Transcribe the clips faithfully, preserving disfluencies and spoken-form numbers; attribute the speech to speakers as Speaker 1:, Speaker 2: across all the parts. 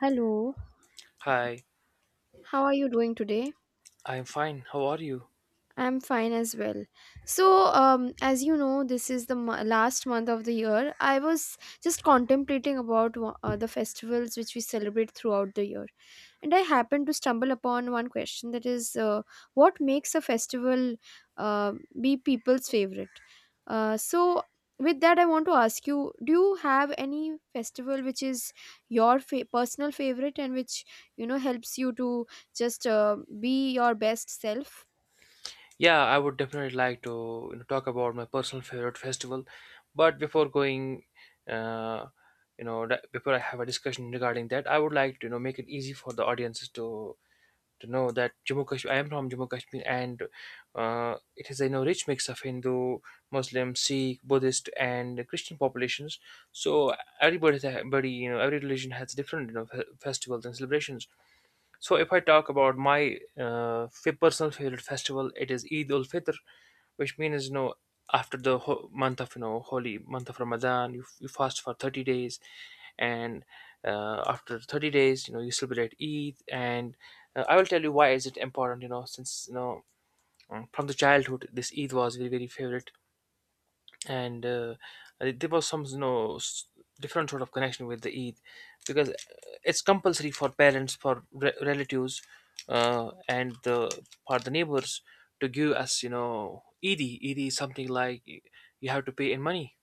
Speaker 1: Hello,
Speaker 2: Hi,
Speaker 1: how are you doing today?
Speaker 2: I'm fine. How are you?
Speaker 1: I'm fine as well. So, um, as you know, this is the mo- last month of the year. I was just contemplating about wha- uh, the festivals which we celebrate throughout the year, and I happened to stumble upon one question that is, uh, what makes a festival uh, be people's favorite? Uh, so, with that, I want to ask you: Do you have any festival which is your fa- personal favorite and which you know helps you to just uh, be your best self?
Speaker 2: Yeah, I would definitely like to you know, talk about my personal favorite festival. But before going, uh, you know, that, before I have a discussion regarding that, I would like to you know make it easy for the audiences to to know that Jammu Kashmir. I am from Jammu Kashmir, and uh, it is a you know rich mix of Hindu, Muslim, Sikh, Buddhist, and Christian populations. So everybody, everybody, you know, every religion has different you know fe- festivals and celebrations. So if I talk about my uh, fa- personal favorite festival, it is Eid ul Fitr, which means you know after the ho- month of you know holy month of Ramadan, you, you fast for thirty days, and uh, after thirty days, you know you celebrate Eid. And uh, I will tell you why is it important. You know since you know mm, from the childhood, this Eid was very very favorite, and uh, uh, there was some you know s- different sort of connection with the Eid because uh, it's compulsory for parents, for re- relatives, uh, and the for the neighbors to give us you know Eidi. Eidi is something like you have to pay in money.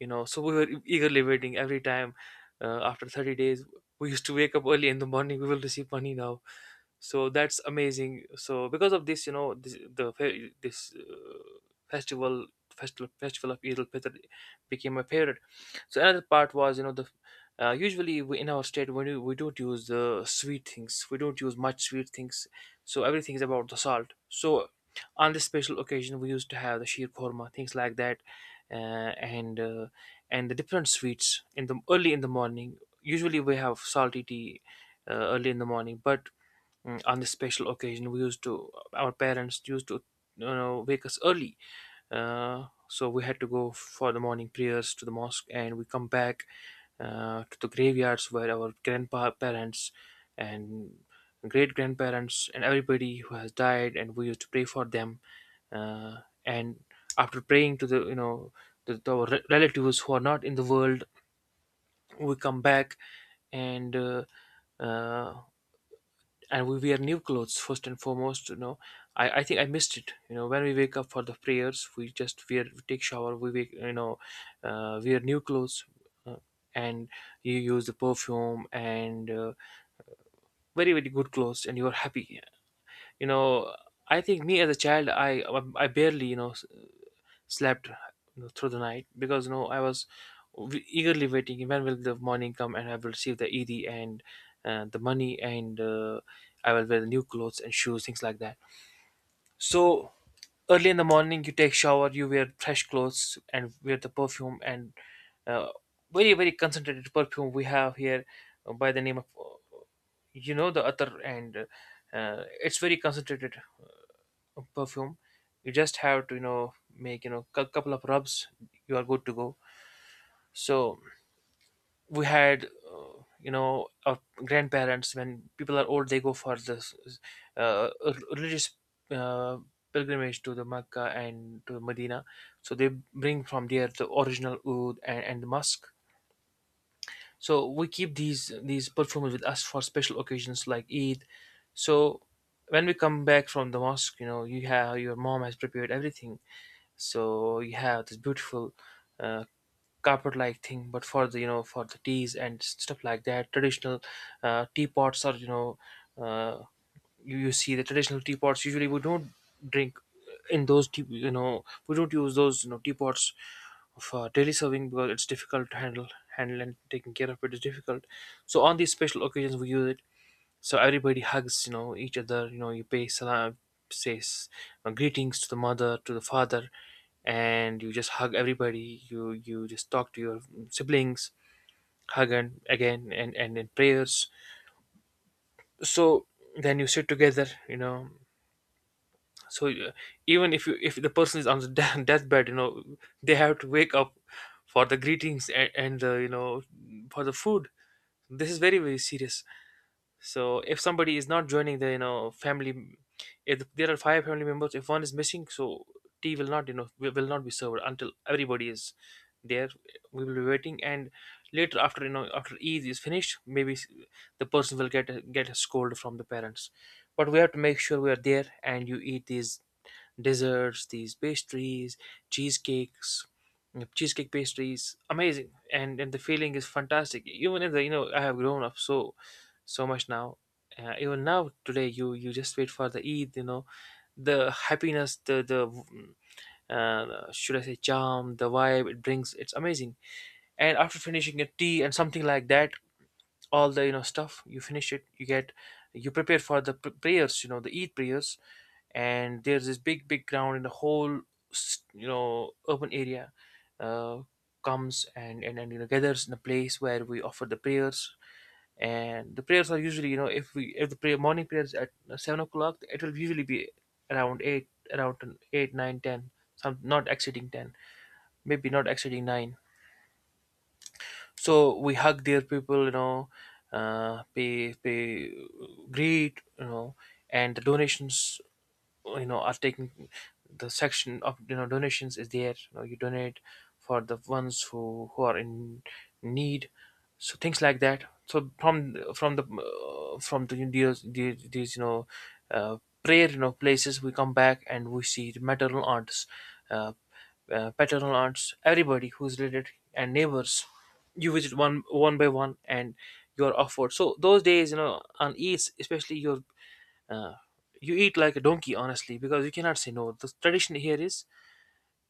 Speaker 2: You know, so we were e-, eagerly waiting every time. Uh, after thirty days, we used to wake up early in the morning. We will receive money now, so that's amazing. So because of this you know this, the fe- this uh, festival festival festival of Eid al Fitr became my favorite. So another part was, you know the uh, usually we, in our state we, do- we don't use the sweet things we don't use much sweet things. So everything is about the salt. So on this special occasion we used to have the sheer korma, things like that, uh, and uh, and the different sweets in the early in the morning. Usually we have salty tea uh, early in the morning, but Mm, on this special occasion we used to our parents used to you know wake us early. Uh, so we had to go for the morning prayers to the mosque, and we come back uh, to the graveyards where our grandparents and great grandparents and everybody who has died, and we used to pray for them. uh, and after praying to the you know the, the re- relatives who are not in the world, we come back. And uh, uh, and we wear new clothes first and foremost you know i i think I missed it. You know when we wake up for the prayers, we just wear we take shower, we wake you know uh, wear new clothes. uh, and you use the perfume and uh, very very good clothes, and you're happy you know i think, me as a child, i i barely, you know slept through the night because you know I was w- eagerly waiting when will the morning come and I will receive the ED and uh, the money, and uh, I will wear the new clothes and shoes, things like that. So early in the morning you take shower, you wear fresh clothes and wear the perfume, and uh, very very concentrated perfume we have here uh, by the name of, uh, you know the other, and uh, uh, it's very concentrated perfume. You just have to you know make you know a couple of rubs, you are good to go. So we had, uh, you know our grandparents, when people are old they go for this uh, religious uh, pilgrimage to the Mecca and to Medina. So they bring from there the original oud and, and the musk. So we keep these these perfumes with us for special occasions like Eid. So when we come back from the mosque, you know you have your mom has prepared everything. So you have this beautiful uh, carpet like thing, but for the you know for the teas and stuff like that. Traditional uh, teapots are you know uh, you, you see the traditional teapots; usually we don't drink in those tea. You know we don't use those you know teapots for daily serving because it's difficult to handle handle and taking care of it is difficult. So on these special occasions we use it. So everybody hugs, you know each other, you know you pay salam, says uh, greetings to the mother, to the father, and you just hug everybody, you you just talk to your siblings, hug, and again, and and in prayers. So then you sit together you know so uh, Even if you if the person is on the de- deathbed, you know they have to wake up for the greetings, and, and uh, you know for the food. This is very very serious. So if somebody is not joining the, you know family, if there are five family members, if one is missing, so tea will not you know will will not be served until everybody is there. We will be waiting, and later, after you know after Eid is finished, maybe s- the person will get a, get a scold from the parents. But we have to make sure we are there, and you eat these desserts, these pastries, cheesecakes, you cheesecake pastries, amazing, and and the feeling is fantastic. Even if the, you know I have grown up so so much now. Uh, even now, today, you you just wait for the Eid. You know, the happiness, the the mm, uh, should I say, charm, the vibe it brings. It's amazing. And after finishing a tea and something like that, all the you know stuff you finish it, you get you prepare for the pr- prayers, you know the Eid prayers. And there's this big big ground in the whole s- you know urban area uh, comes and and, and you know, gathers in a place where we offer the prayers. And the prayers are usually, you know if we if the prayer morning prayers at uh, seven o'clock, it will usually be around eight around eight, nine, ten, some not exceeding ten, maybe not exceeding nine. So we hug their people, you know uh, pay pay greet, you know and the donations, you know are taking. The section of, you know donations is there. You know you donate for the ones who who are in need. So things like that. So from from the, uh, from the these, these these, you know uh, prayer you know places, we come back and we see the maternal aunts, uh, uh, paternal aunts, everybody who's related and neighbors. You visit one one by one, and you're offered. So those days, you know on Eid especially, you're uh, you eat like a donkey, honestly, because you cannot say no. The tradition here is,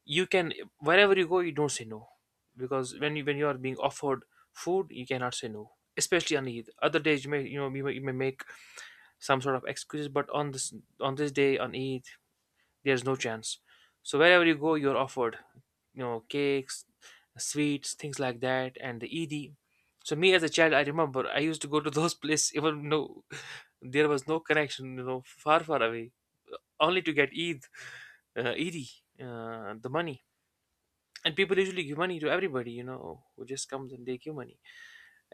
Speaker 2: you can wherever you go, you don't say no, because when you when you are being offered food, you cannot say no. Especially on Eid. Other days you may, you know you may, you may make some sort of excuses, but on this on this day, on Eid, there's no chance. So wherever you go, you're offered, you know, cakes, sweets, things like that, and the Eid. So me as a child, I remember I used to go to those places even though there was no connection, you know, far far away, only to get Eid, uh, Eidi, uh, the money. And people usually give money to everybody, you know, who just comes, and they give money.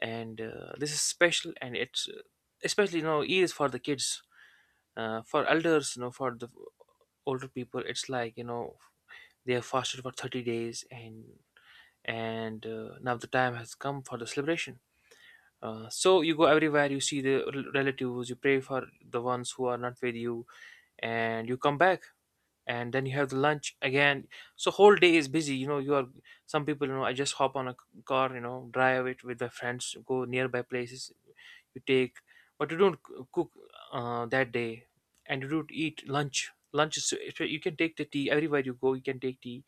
Speaker 2: And uh, this is special, and it's, uh, especially you know Eid is for the kids, uh, for elders, you know, for the older people. It's like, you know they have fasted for thirty days, and and uh, now the time has come for the celebration. Uh, so you go everywhere, you see the rel- relatives, you pray for the ones who are not with you, and you come back, and then you have the lunch again. So whole day is busy, you know, you are... some people, you know, I just hop on a c- car, you know, drive it with the friends, go nearby places, you take, but you don't c- cook uh, that day. And you don't eat lunch. Lunch is, if you you can take the tea everywhere you go, you can take tea,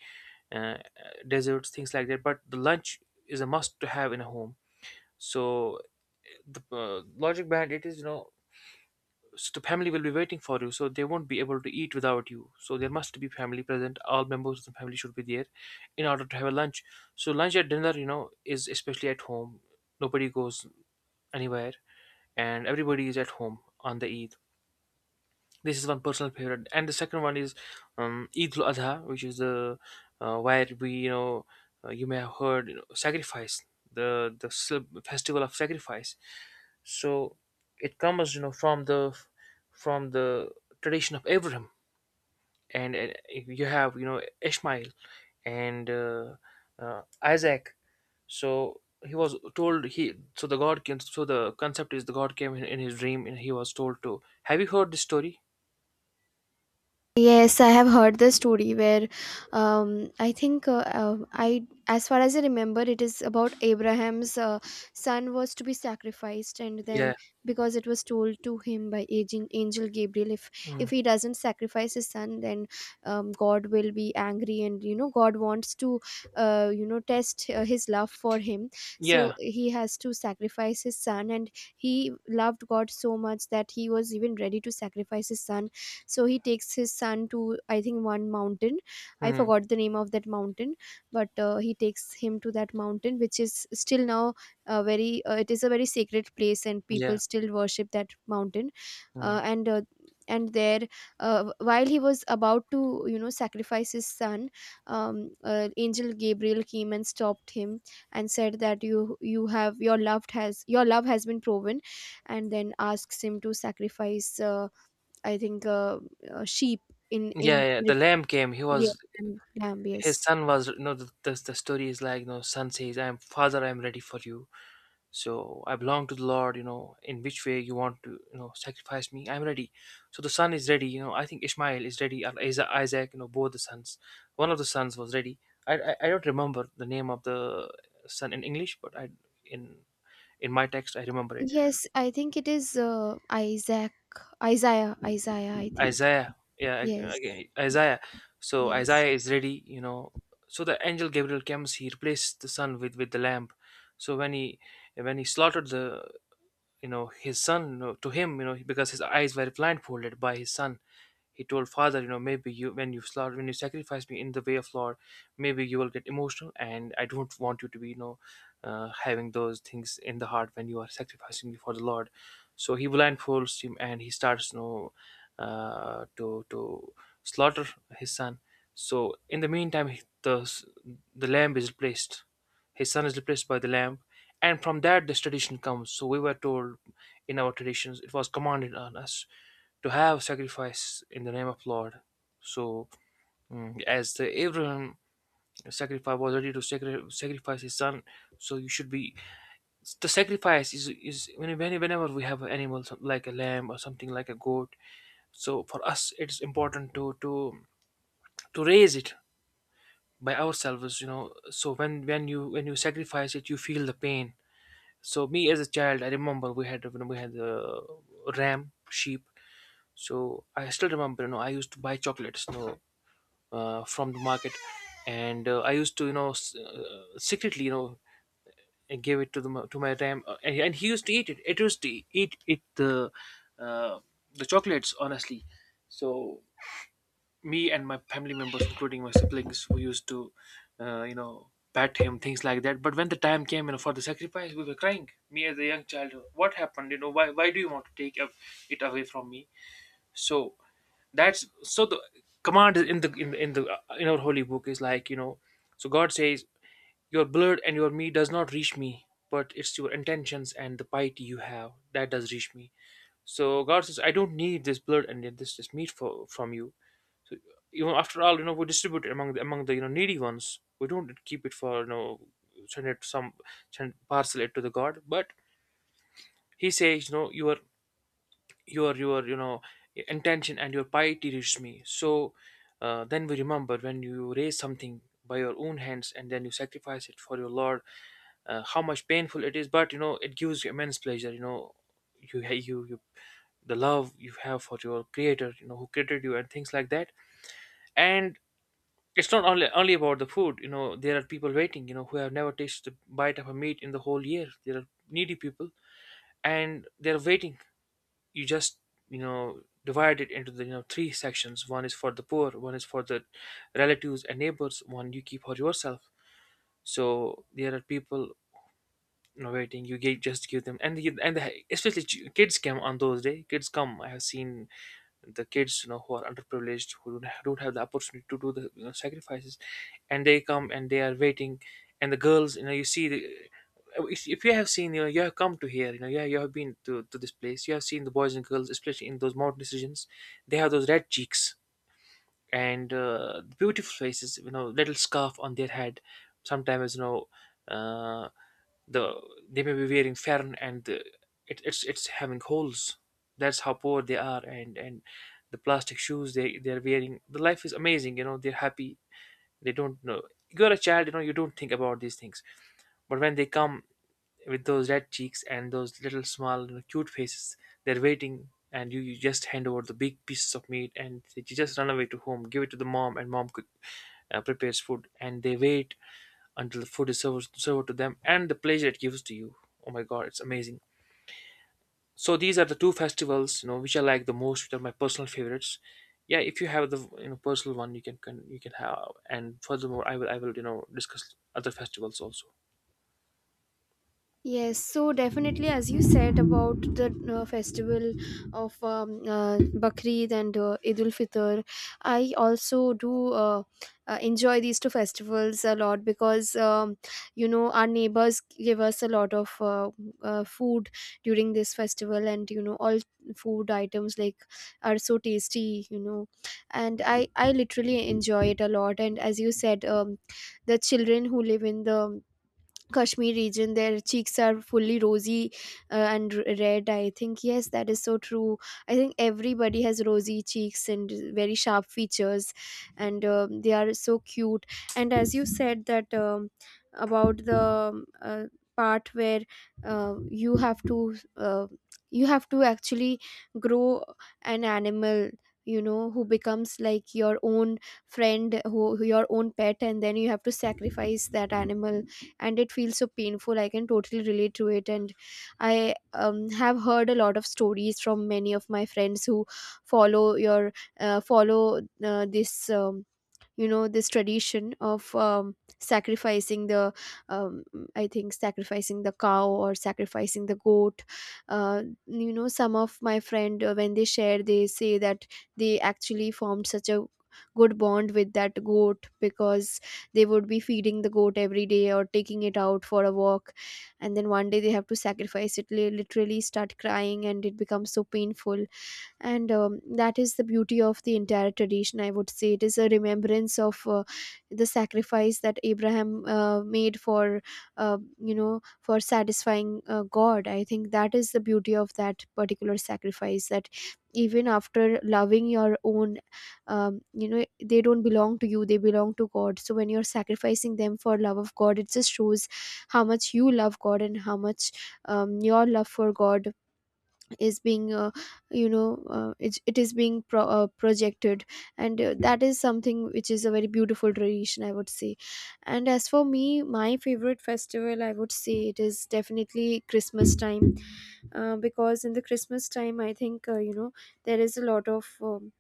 Speaker 2: uh, uh, desserts, things like that, but the lunch is a must to have in a home. So the uh, logic behind it is, you know, so the family will be waiting for you, so they won't be able to eat without you, so there must be family present, all members of the family should be there in order to have a lunch. So lunch at dinner, you know, is especially at home. Nobody goes anywhere, and everybody is at home on the Eid. This is one personal favorite, and the second one is um, Eid al-Adha, which is the uh, where we, you know, uh, you may have heard, you know, sacrifice, the the cel- festival of sacrifice. So it comes, you know, from the from the tradition of Abraham, and, uh, you have, you know, Ishmael and uh, uh, Isaac. So he was told he, so the God came. So the concept is the God came in, in his dream, and he was told to. Have you heard this story?
Speaker 1: Yes, I have heard the story where um, I think uh, uh, I, as far as I remember, it is about Abraham's uh, son was to be sacrificed, and then
Speaker 2: Yeah.
Speaker 1: because it was told to him by aging angel Gabriel, if
Speaker 2: Mm.
Speaker 1: if he doesn't sacrifice his son, then um, God will be angry, and you know God wants to uh, you know test uh, his love for him, so
Speaker 2: Yeah.
Speaker 1: he has to sacrifice his son, and he loved God so much that he was even ready to sacrifice his son. So he takes his son to, I think, one mountain. I
Speaker 2: Mm.
Speaker 1: forgot the name of that mountain, but uh, he takes him to that mountain, which is still now a very uh, it is a very sacred place and
Speaker 2: Yeah.
Speaker 1: people still worship that mountain. uh,
Speaker 2: Mm.
Speaker 1: and uh, and there, uh, while he was about to you know sacrifice his son, um, uh, angel Gabriel came and stopped him and said that you you have your loved has your love has been proven, and then asks him to sacrifice uh, I think uh, uh, sheep in
Speaker 2: Yeah,
Speaker 1: in
Speaker 2: yeah. The
Speaker 1: Rep-
Speaker 2: lamb came. He
Speaker 1: yeah,
Speaker 2: was
Speaker 1: lamb, lamb,
Speaker 2: His
Speaker 1: yes.
Speaker 2: son was. You know, the, the the story is like, no son says, "I am father. I am ready for you." So I belong to the Lord, you know, in which way you want to, you know, sacrifice me, I'm ready. So the son is ready, you know. I think Ishmael is ready or Isa- Isaac, you know, both the sons, one of the sons was ready. I i, I don't remember the name of the son in English, but I in in my text I remember it.
Speaker 1: Yes, I think it is uh, Isaac. Isaiah Isaiah, I think.
Speaker 2: Isaiah, yeah.
Speaker 1: Yes.
Speaker 2: Again, Isaiah. So
Speaker 1: Yes.
Speaker 2: Isaiah is ready, you know. So the angel Gabriel comes, he replaced the son with with the lamb. So when he when he slaughtered the, you know, his son, you know, to him, you know, because his eyes were blindfolded by his son. He told, father, you know, maybe you, when you slaughter, when you sacrifice me in the way of Lord, maybe you will get emotional, and I don't want you to be, you know, uh, having those things in the heart when you are sacrificing me for the Lord. So he blindfolds him, and he starts, you know, uh, to to slaughter his son. So in the meantime, he- the the lamb is placed. His son is replaced by the lamb, and from that, this tradition comes. So we were told in our traditions, it was commanded on us to have sacrifice in the name of Lord. So, mm, as the Abraham sacrifice was ready to sacri- sacrifice his son, so you should be... the sacrifice is is when- when- whenever we have an animal, some- like a lamb or something like a goat. So for us, it's important to to to raise it by ourselves. You know, so when when you when you sacrifice it, you feel the pain. So me as a child, I remember we had... when we had the ram sheep, so I still remember, you know, I used to buy chocolates, you know, uh, from the market. And uh, I used to, you know, s- uh, secretly, you know, and give it to the m- to my ram, uh, and, and he used to eat it, it used to eat it the uh, the chocolates, honestly. So me and my family members, including my siblings, who used to, uh, you know, pat him, things like that. But when the time came, you know, for the sacrifice, we were crying. Me as a young child, what happened? You know, why why do you want to take up it away from me? So that's... so the command in the in, the- in the uh, in our holy book is like, you know, so God says, your blood and your meat does not reach me, but it's your intentions and the piety you have that does reach me. So God says, I don't need this blood and this this meat for from you. So, you know, after all, you know, we distribute it among the, among the you know needy ones. We don't keep it for, you know, send it some, send, parcel it to the God. But he says, you know, your your your you know intention and your piety reached me. So uh, then we remember, when you raise something by your own hands and then you sacrifice it for your Lord, Uh, how much painful it is, but you know it gives you immense pleasure. You know, you you you the love you have for your creator, you know, who created you, and things like that. And it's not only only about the food, you know. There are people waiting, you know, who have never tasted a bite of a meat in the whole year. There are needy people, and they're waiting. You just, you know, divide it into the, you know, three sections. One is for the poor, one is for the relatives and neighbors, one you keep for yourself. So there are people, you know, waiting. You get, just give them, and the, and the, especially ch- kids come on those day, kids come. I have seen the kids, you know, who are underprivileged, who don't, ha- don't have the opportunity to do the, you know, sacrifices. And they come, and they are waiting. And the girls, you know, you see the uh, if, if you have seen, you know, you have come to here, you know, yeah, you have been to, to this place, you have seen the boys and girls, especially in those mountain regions. They have those red cheeks, and uh, beautiful faces, you know, little scarf on their head. Sometimes, you know, uh, the they may be wearing fern, and the, it, it's it's having holes. That's how poor they are. And and the plastic shoes they they're wearing, the life is amazing, you know, they're happy. They don't know, you're a child, you know, you don't think about these things. But when they come with those red cheeks and those little small, you know, cute faces, they're waiting, and you, you just hand over the big pieces of meat, and you just run away to home, give it to the mom, and mom cook, uh, prepares food, and they wait until the food is served, served to them, and the pleasure it gives to you. Oh my God, it's amazing. So these are the two festivals, you know, which I like the most, which are my personal favorites. Yeah, if you have the, you know, personal one, you can, can you can have. And furthermore, I will I will, you know, discuss other festivals also.
Speaker 1: Yes, so definitely, as you said about the uh, festival of um, uh, Bakrid and uh, Eid ul Fitr, I also do uh, uh, enjoy these two festivals a lot because um, you know our neighbors give us a lot of uh, uh, food during this festival, and you know all food items like are so tasty, you know, and I I literally enjoy it a lot. And as you said, um, the children who live in the Kashmir region, their cheeks are fully rosy uh, and r- red. I think yes, that is so true. I think everybody has rosy cheeks and very sharp features, and um, they are so cute. And as you said that um, about the um, uh, part where uh, you have to uh, you have to actually grow an animal, you know, who becomes like your own friend, who who- your own pet, and then you have to sacrifice that animal, and it feels so painful. I can totally relate to it. And I um, have heard a lot of stories from many of my friends who follow your uh, follow uh, this um, you know this tradition of um, sacrificing the um, I think sacrificing the cow or sacrificing the goat. Uh, you know, some of my friend uh, when they share, they say that they actually formed such a good bond with that goat because they would be feeding the goat every day or taking it out for a walk, and then one day they have to sacrifice it. They literally start crying and it becomes so painful. And um, that is the beauty of the entire tradition, I would say. It is a remembrance of uh, the sacrifice that Abraham uh, made for uh, you know for satisfying uh, God. I think that is the beauty of that particular sacrifice, that even after loving your own, um, you know, they don't belong to you, they belong to God. So when you're sacrificing them for love of God, it just shows how much you love God and how much um, your love for God is being uh, you know uh, it, it is being pro- uh, projected. And uh, that is something which is a very beautiful tradition, I would say. And as for me, my favorite festival, I would say, it is definitely Christmas time. Uh, because in the Christmas time, I think uh, you know there is a lot of um,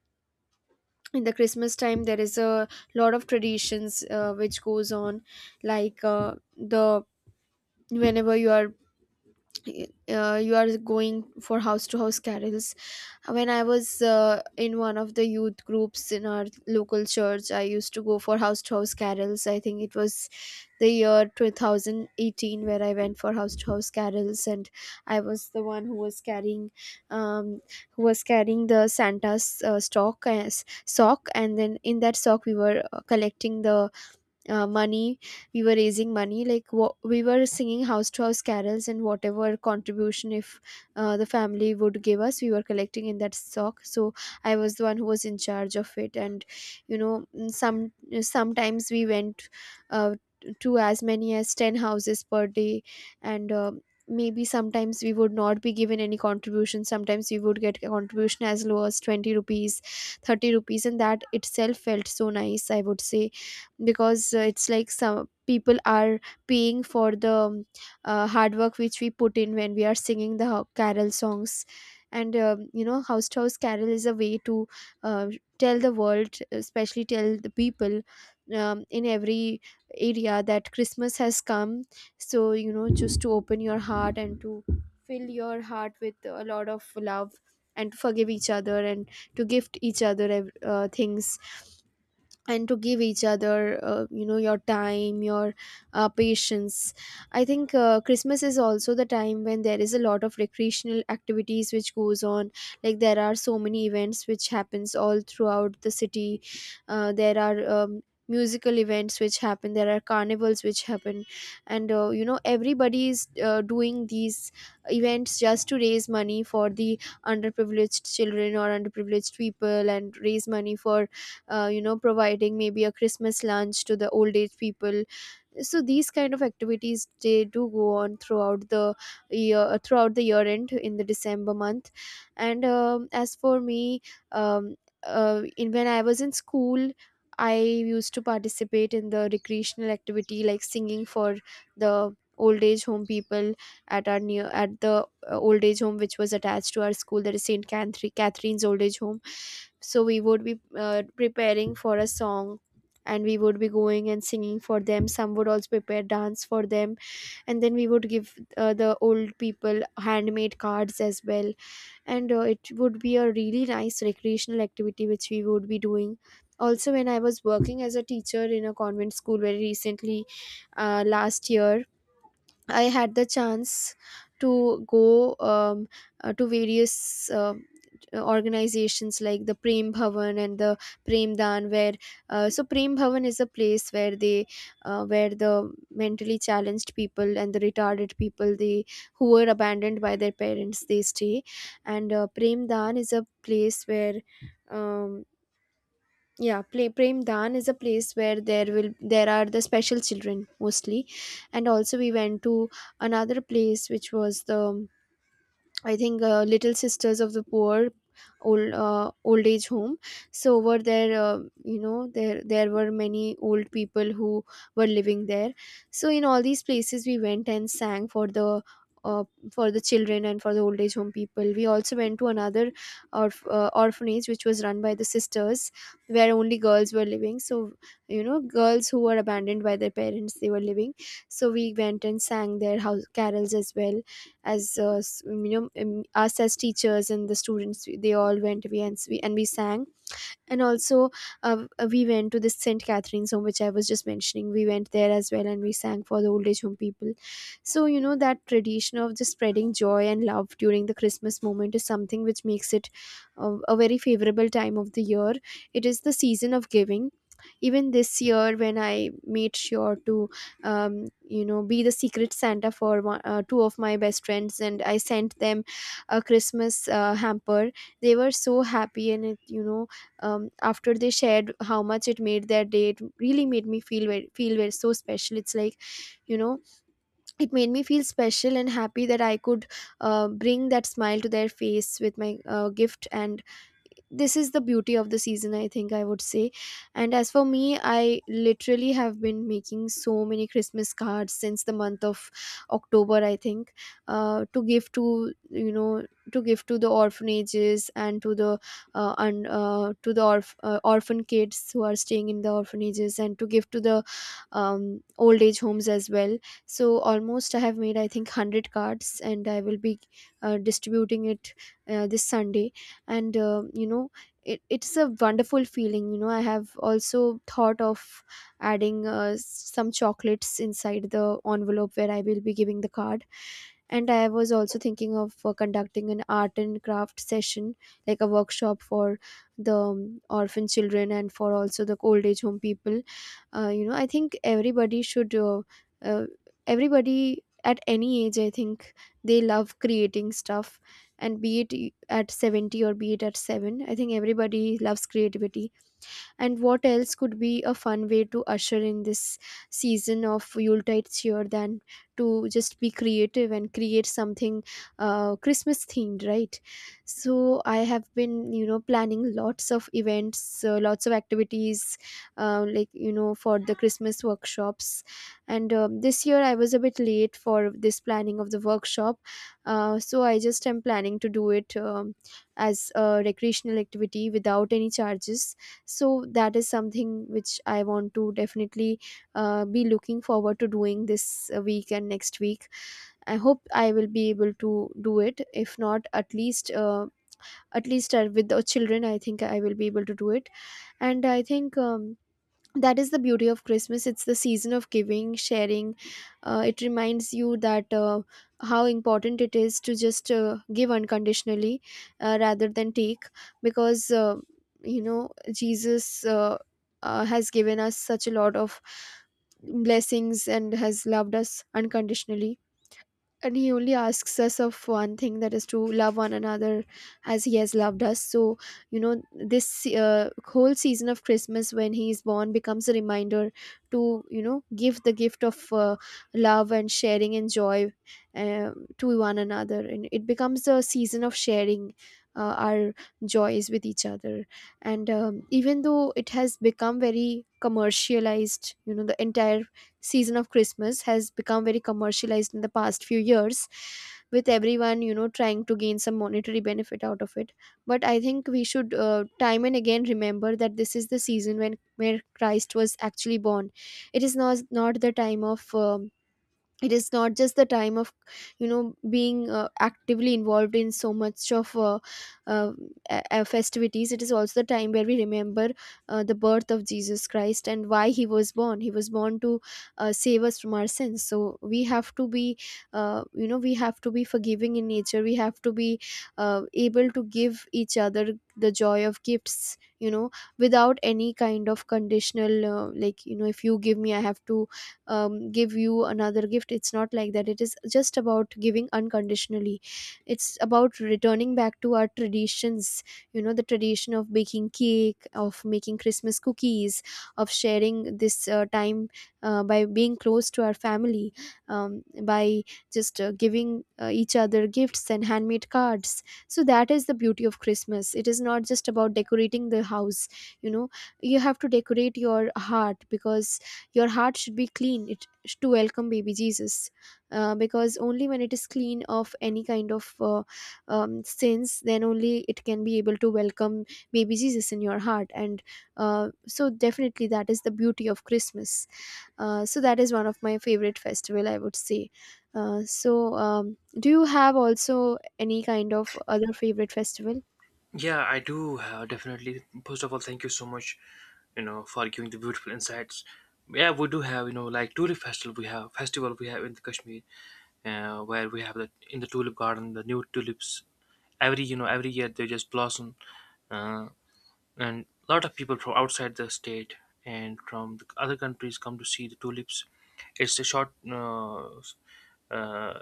Speaker 1: in the christmas time there is a lot of traditions uh, which goes on, like uh, the whenever you are uh, you are going for house to house carols. When I was uh, in one of the youth groups in our local church, I used to go for house to house carols. I think it was the year two thousand eighteen where I went for house to house carols, and I was the one who was carrying um, who was carrying the Santa's uh, stock as sock, and then in that sock we were uh, collecting the uh, money. We were raising money. Like wha- we were singing house to house carols, and whatever contribution if uh, the family would give us, we were collecting in that stock. So I was the one who was in charge of it. And you know, mm, some sometimes we went uh, to as many as ten houses per day, and uh, maybe sometimes we would not be given any contribution, sometimes we would get a contribution as low as twenty rupees, thirty rupees, and that itself felt so nice, I would say, because uh, it's like some people are paying for the um, uh, hard work which we put in when we are singing the ho- carol songs. And um, you know, house to house carol is a way to uh, tell the world, especially tell the people um, in every area that Christmas has come. So you know, just to open your heart and to fill your heart with a lot of love, and to forgive each other, and to gift each other ev- uh, things, and to give each other uh, you know your time, your uh, patience. I think uh, Christmas is also the time when there is a lot of recreational activities which goes on, like there are so many events which happens all throughout the city. Uh, there are um, musical events which happen, there are carnivals which happen, and uh, you know everybody is uh, doing these events just to raise money for the underprivileged children or underprivileged people, and raise money for uh, you know providing maybe a Christmas lunch to the old age people. So these kind of activities they do go on throughout the year uh, throughout the year end in the December month. And um, as for me, um, uh, in when I was in school, I used to participate in the recreational activity like singing for the old age home people at our near at the uh, old age home which was attached to our school, that is St. Catherine catherine's old age home. So we would be uh, preparing for a song, and we would be going and singing for them. Some would also prepare dance for them, and then we would give uh, the old people handmade cards as well. And uh, it would be a really nice recreational activity which we would be doing. Also when I was working as a teacher in a convent school very recently, uh, last year, I had the chance to go um, uh, to various um, organizations like the Prem Bhavan and the Prem Dan, where uh, so Prem Bhavan is a place where they uh, where the mentally challenged people and the retarded people they who were abandoned by their parents they stay, and uh, Prem Dan is a place where. Um, yeah play prem dan is a place where there will there are the special children mostly. And also we went to another place which was the, I think, uh, Little Sisters of the Poor old uh, old age home. So over there, uh, you know there there were many old people who were living there. So in all these places we went and sang for the uh, for the children, and for the old age home people. We also went to another orph- uh, orphanage which was run by the sisters, where only girls were living. So, you know girls who were abandoned by their parents, they were living. So we went and sang their house carols as well. As uh, s- you know um, us as teachers and the students we- they all went, we and s- we and we sang. And also, uh, uh, we went to this St. Catherine's home, which I was just mentioning. We went there as well and we sang for the old age home people. So, you know, that tradition of just spreading joy and love during the Christmas moment is something which makes it uh, a very favorable time of the year. It is the season of giving. Even this year when I made sure to, um, you know, be the Secret Santa for one, uh, two of my best friends, and I sent them a Christmas uh, hamper. They were so happy and it you know um, after they shared how much it made their day, it really made me feel very, feel very so special. It's like, you know, it made me feel special and happy that I could uh, bring that smile to their face with my uh, gift. And this is the beauty of the season, I think, I would say. And as for me, I literally have been making so many Christmas cards since the month of October, I think, uh, to give to, you know, to give to the orphanages, and to the uh, and uh, to the orph- uh, orphan kids who are staying in the orphanages, and to give to the, um, old age homes as well. So almost I have made, I think, one hundred cards, and I will be uh, distributing it uh, this Sunday. And, uh, you know it, it's a wonderful feeling. You know, I have also thought of adding uh, s- some chocolates inside the envelope where I will be giving the card. And I was also thinking of uh, conducting an art and craft session, like a workshop, for the, um, orphan children and for also the old age home people. uh, you know I think everybody should, uh, uh, everybody at any age, I think, they love creating stuff. And be it at seventy or be it at seven, I think everybody loves creativity. And what else could be a fun way to usher in this season of Yuletide cheer than to just be creative and create something uh, Christmas themed, right? So I have been, you know, planning lots of events, uh, lots of activities, uh, like, you know, for the Christmas workshops. And um, this year I was a bit late for this planning of the workshop. Uh, so I just am planning to do it, um, as a recreational activity without any charges. So that is something which I want to definitely uh, be looking forward to doing this uh, week and next week. I hope I will be able to do it. If not, at least, uh, at least, uh, with the children, I think I will be able to do it. And I think, um, that is the beauty of Christmas. It's the season of giving, sharing. Uh, it reminds you that, uh, how important it is to just uh, give unconditionally, uh, rather than take. Because, uh, you know Jesus, uh, uh, has given us such a lot of blessings and has loved us unconditionally, and he only asks us of one thing, that is to love one another as he has loved us. So, you know, this uh, whole season of Christmas, when he is born, becomes a reminder to, you know, give the gift of, uh, love and sharing and joy, uh, to one another. And it becomes a season of sharing uh, our joys with each other. And um, even though it has become very commercialized, you know, the entire season of Christmas has become very commercialized in the past few years, with everyone, you know, trying to gain some monetary benefit out of it. But I think we should, uh, time and again, remember that this is the season when where Christ was actually born. It is not not the time of, um, it is not just the time of, you know, being uh, actively involved in so much of uh, uh, uh, festivities. It is also the time where we remember uh, the birth of Jesus Christ, and why he was born. He was born to uh, save us from our sins. So we have to be, uh, you know we have to be forgiving in nature. We have to be uh, able to give each other the joy of gifts, you know, without any kind of conditional, uh, like, you know, if you give me, I have to, um, give you another gift. It's not like that. It is just about giving unconditionally. It's about returning back to our traditions, you know, the tradition of baking cake, of making Christmas cookies, of sharing this uh, time uh, by being close to our family, um, by just uh, giving uh, each other gifts and handmade cards. So that is the beauty of Christmas. It is not just about decorating the house, you know. You have to decorate your heart, because your heart should be clean it to welcome baby Jesus. Uh, because only when it is clean of any kind of, uh, um, sins, then only it can be able to welcome baby Jesus in your heart. And, uh, so definitely, that is the beauty of Christmas. Uh, so that is one of my favorite festival, I would say. Uh, so um, do you have also any kind of other favorite festival?
Speaker 2: Yeah, I do, uh, definitely. First of all, thank you so much, you know, for giving the beautiful insights. Yeah, we do have, you know, like tulip festival. We have festival, we have in the Kashmir, uh, where we have the... in the tulip garden, the new tulips. Every, you know, every year they just blossom. Uh, and a lot of people from outside the state and from the other countries come to see the tulips. It's a short. Uh, uh,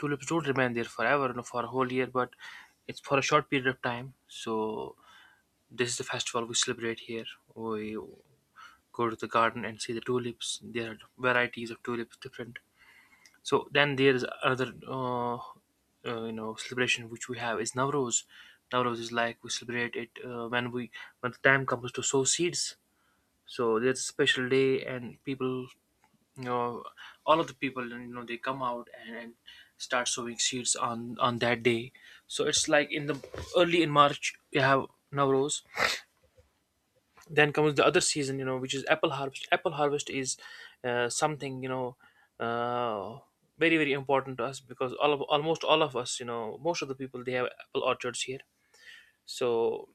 Speaker 2: tulips don't remain there forever, you know, for a whole year, but it's for a short period of time. So this is the festival we celebrate here. We go to the garden and see the tulips. There are varieties of tulips, different. So then there is another uh, uh, you know celebration which we have is Navroz. Navroz is, like, we celebrate it uh, when we when the time comes to sow seeds. So there's a special day, and people, you know, all of the people, you know, they come out, and, and start sowing seeds on on that day. So it's like in the early in March we have Navroz. Then comes the other season, you know, which is apple harvest. Apple harvest is, uh, something, you know, uh, very very important to us, because all of, almost all of us, you know, most of the people, they have apple orchards here. So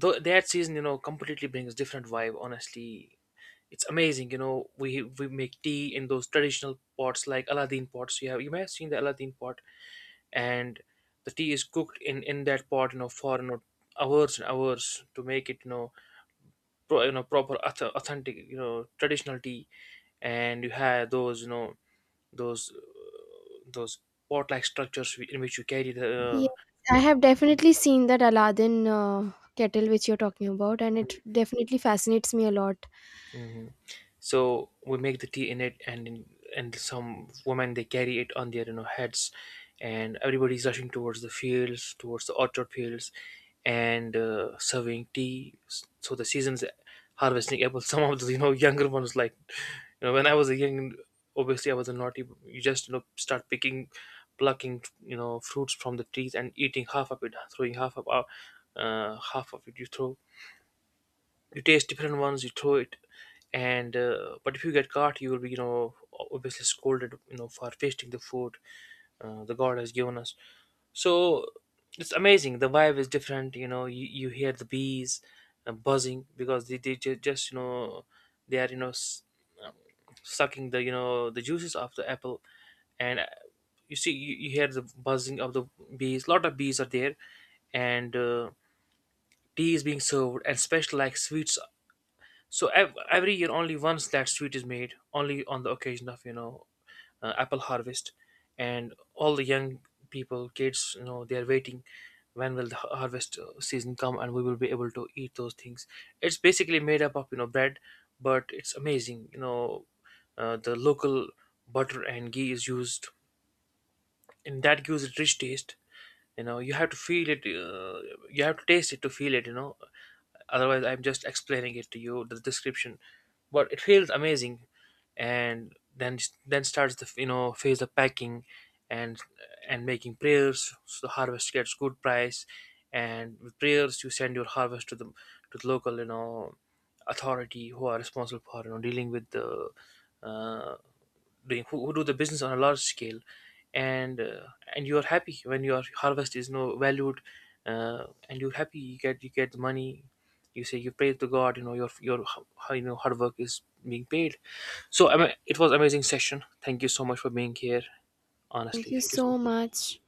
Speaker 2: th- that season, you know, completely brings different vibe, honestly. It's amazing, you know, we we make tea in those traditional pots, like Aladdin pots. You have you may have seen the Aladdin pot. And the tea is cooked in in that pot, you know, for, you know, hours and hours to make it, you know, pro, you know proper auth- authentic, you know, traditional tea. And you have those, you know, those those pot like structures, whi- in which you carry
Speaker 1: Yes,
Speaker 2: the...
Speaker 1: I have definitely seen that Aladdin uh, kettle which you're talking about, and it definitely fascinates me a lot.
Speaker 2: Hmm. So we make the tea in it, and and some women, they carry it on their, you know, heads, and everybody's rushing towards the fields, towards the orchard fields, and uh, serving tea. So the season's harvesting apples. Some of the, you know, younger ones like, you know, when I was a young, obviously I was a naughty. You just, you know, start picking, plucking, you know, fruits from the trees and eating half of it, throwing half of uh, half of it, you throw. You taste different ones, you throw it. And uh, but if you get caught, you will be, you know, obviously scolded, you know, for wasting the food, uh, the God has given us. So it's amazing, the vibe is different, you know, you, you hear the bees, uh, buzzing because they, they ju- just, you know, they are, you know, s- um, sucking the, you know, the juices of the apple. And uh, you see you, you hear the buzzing of the bees, lot of bees are there. And uh, tea is being served, and special like sweets. So ev- every year, only once that sweet is made, only on the occasion of, you know, uh, apple harvest, and all the young people, kids, you know, they are waiting. When will the har- harvest uh, season come, and we will be able to eat those things? It's basically made up of, you know, bread, but it's amazing. You know, uh, the local butter and ghee is used, and that gives it rich taste. You know, you have to feel it, uh, you have to taste it to feel it, you know, otherwise I'm just explaining it to you the description, but it feels amazing. And then then starts the, you know, phase of packing, and and making prayers so the harvest gets good price. And with prayers you send your harvest to the to the local, you know, authority, who are responsible for, you know, dealing with the, uh, doing, who, who do the business on a large scale. And uh, and you are happy when your harvest is no valued, uh, and you're happy, you get you get the money. You say you pray to God, you know, your your how, you know, hard work is being paid. So I mean, it was amazing session, thank you so much for being here,
Speaker 1: Thank
Speaker 2: honestly,
Speaker 1: you
Speaker 2: thank you
Speaker 1: so
Speaker 2: so
Speaker 1: much.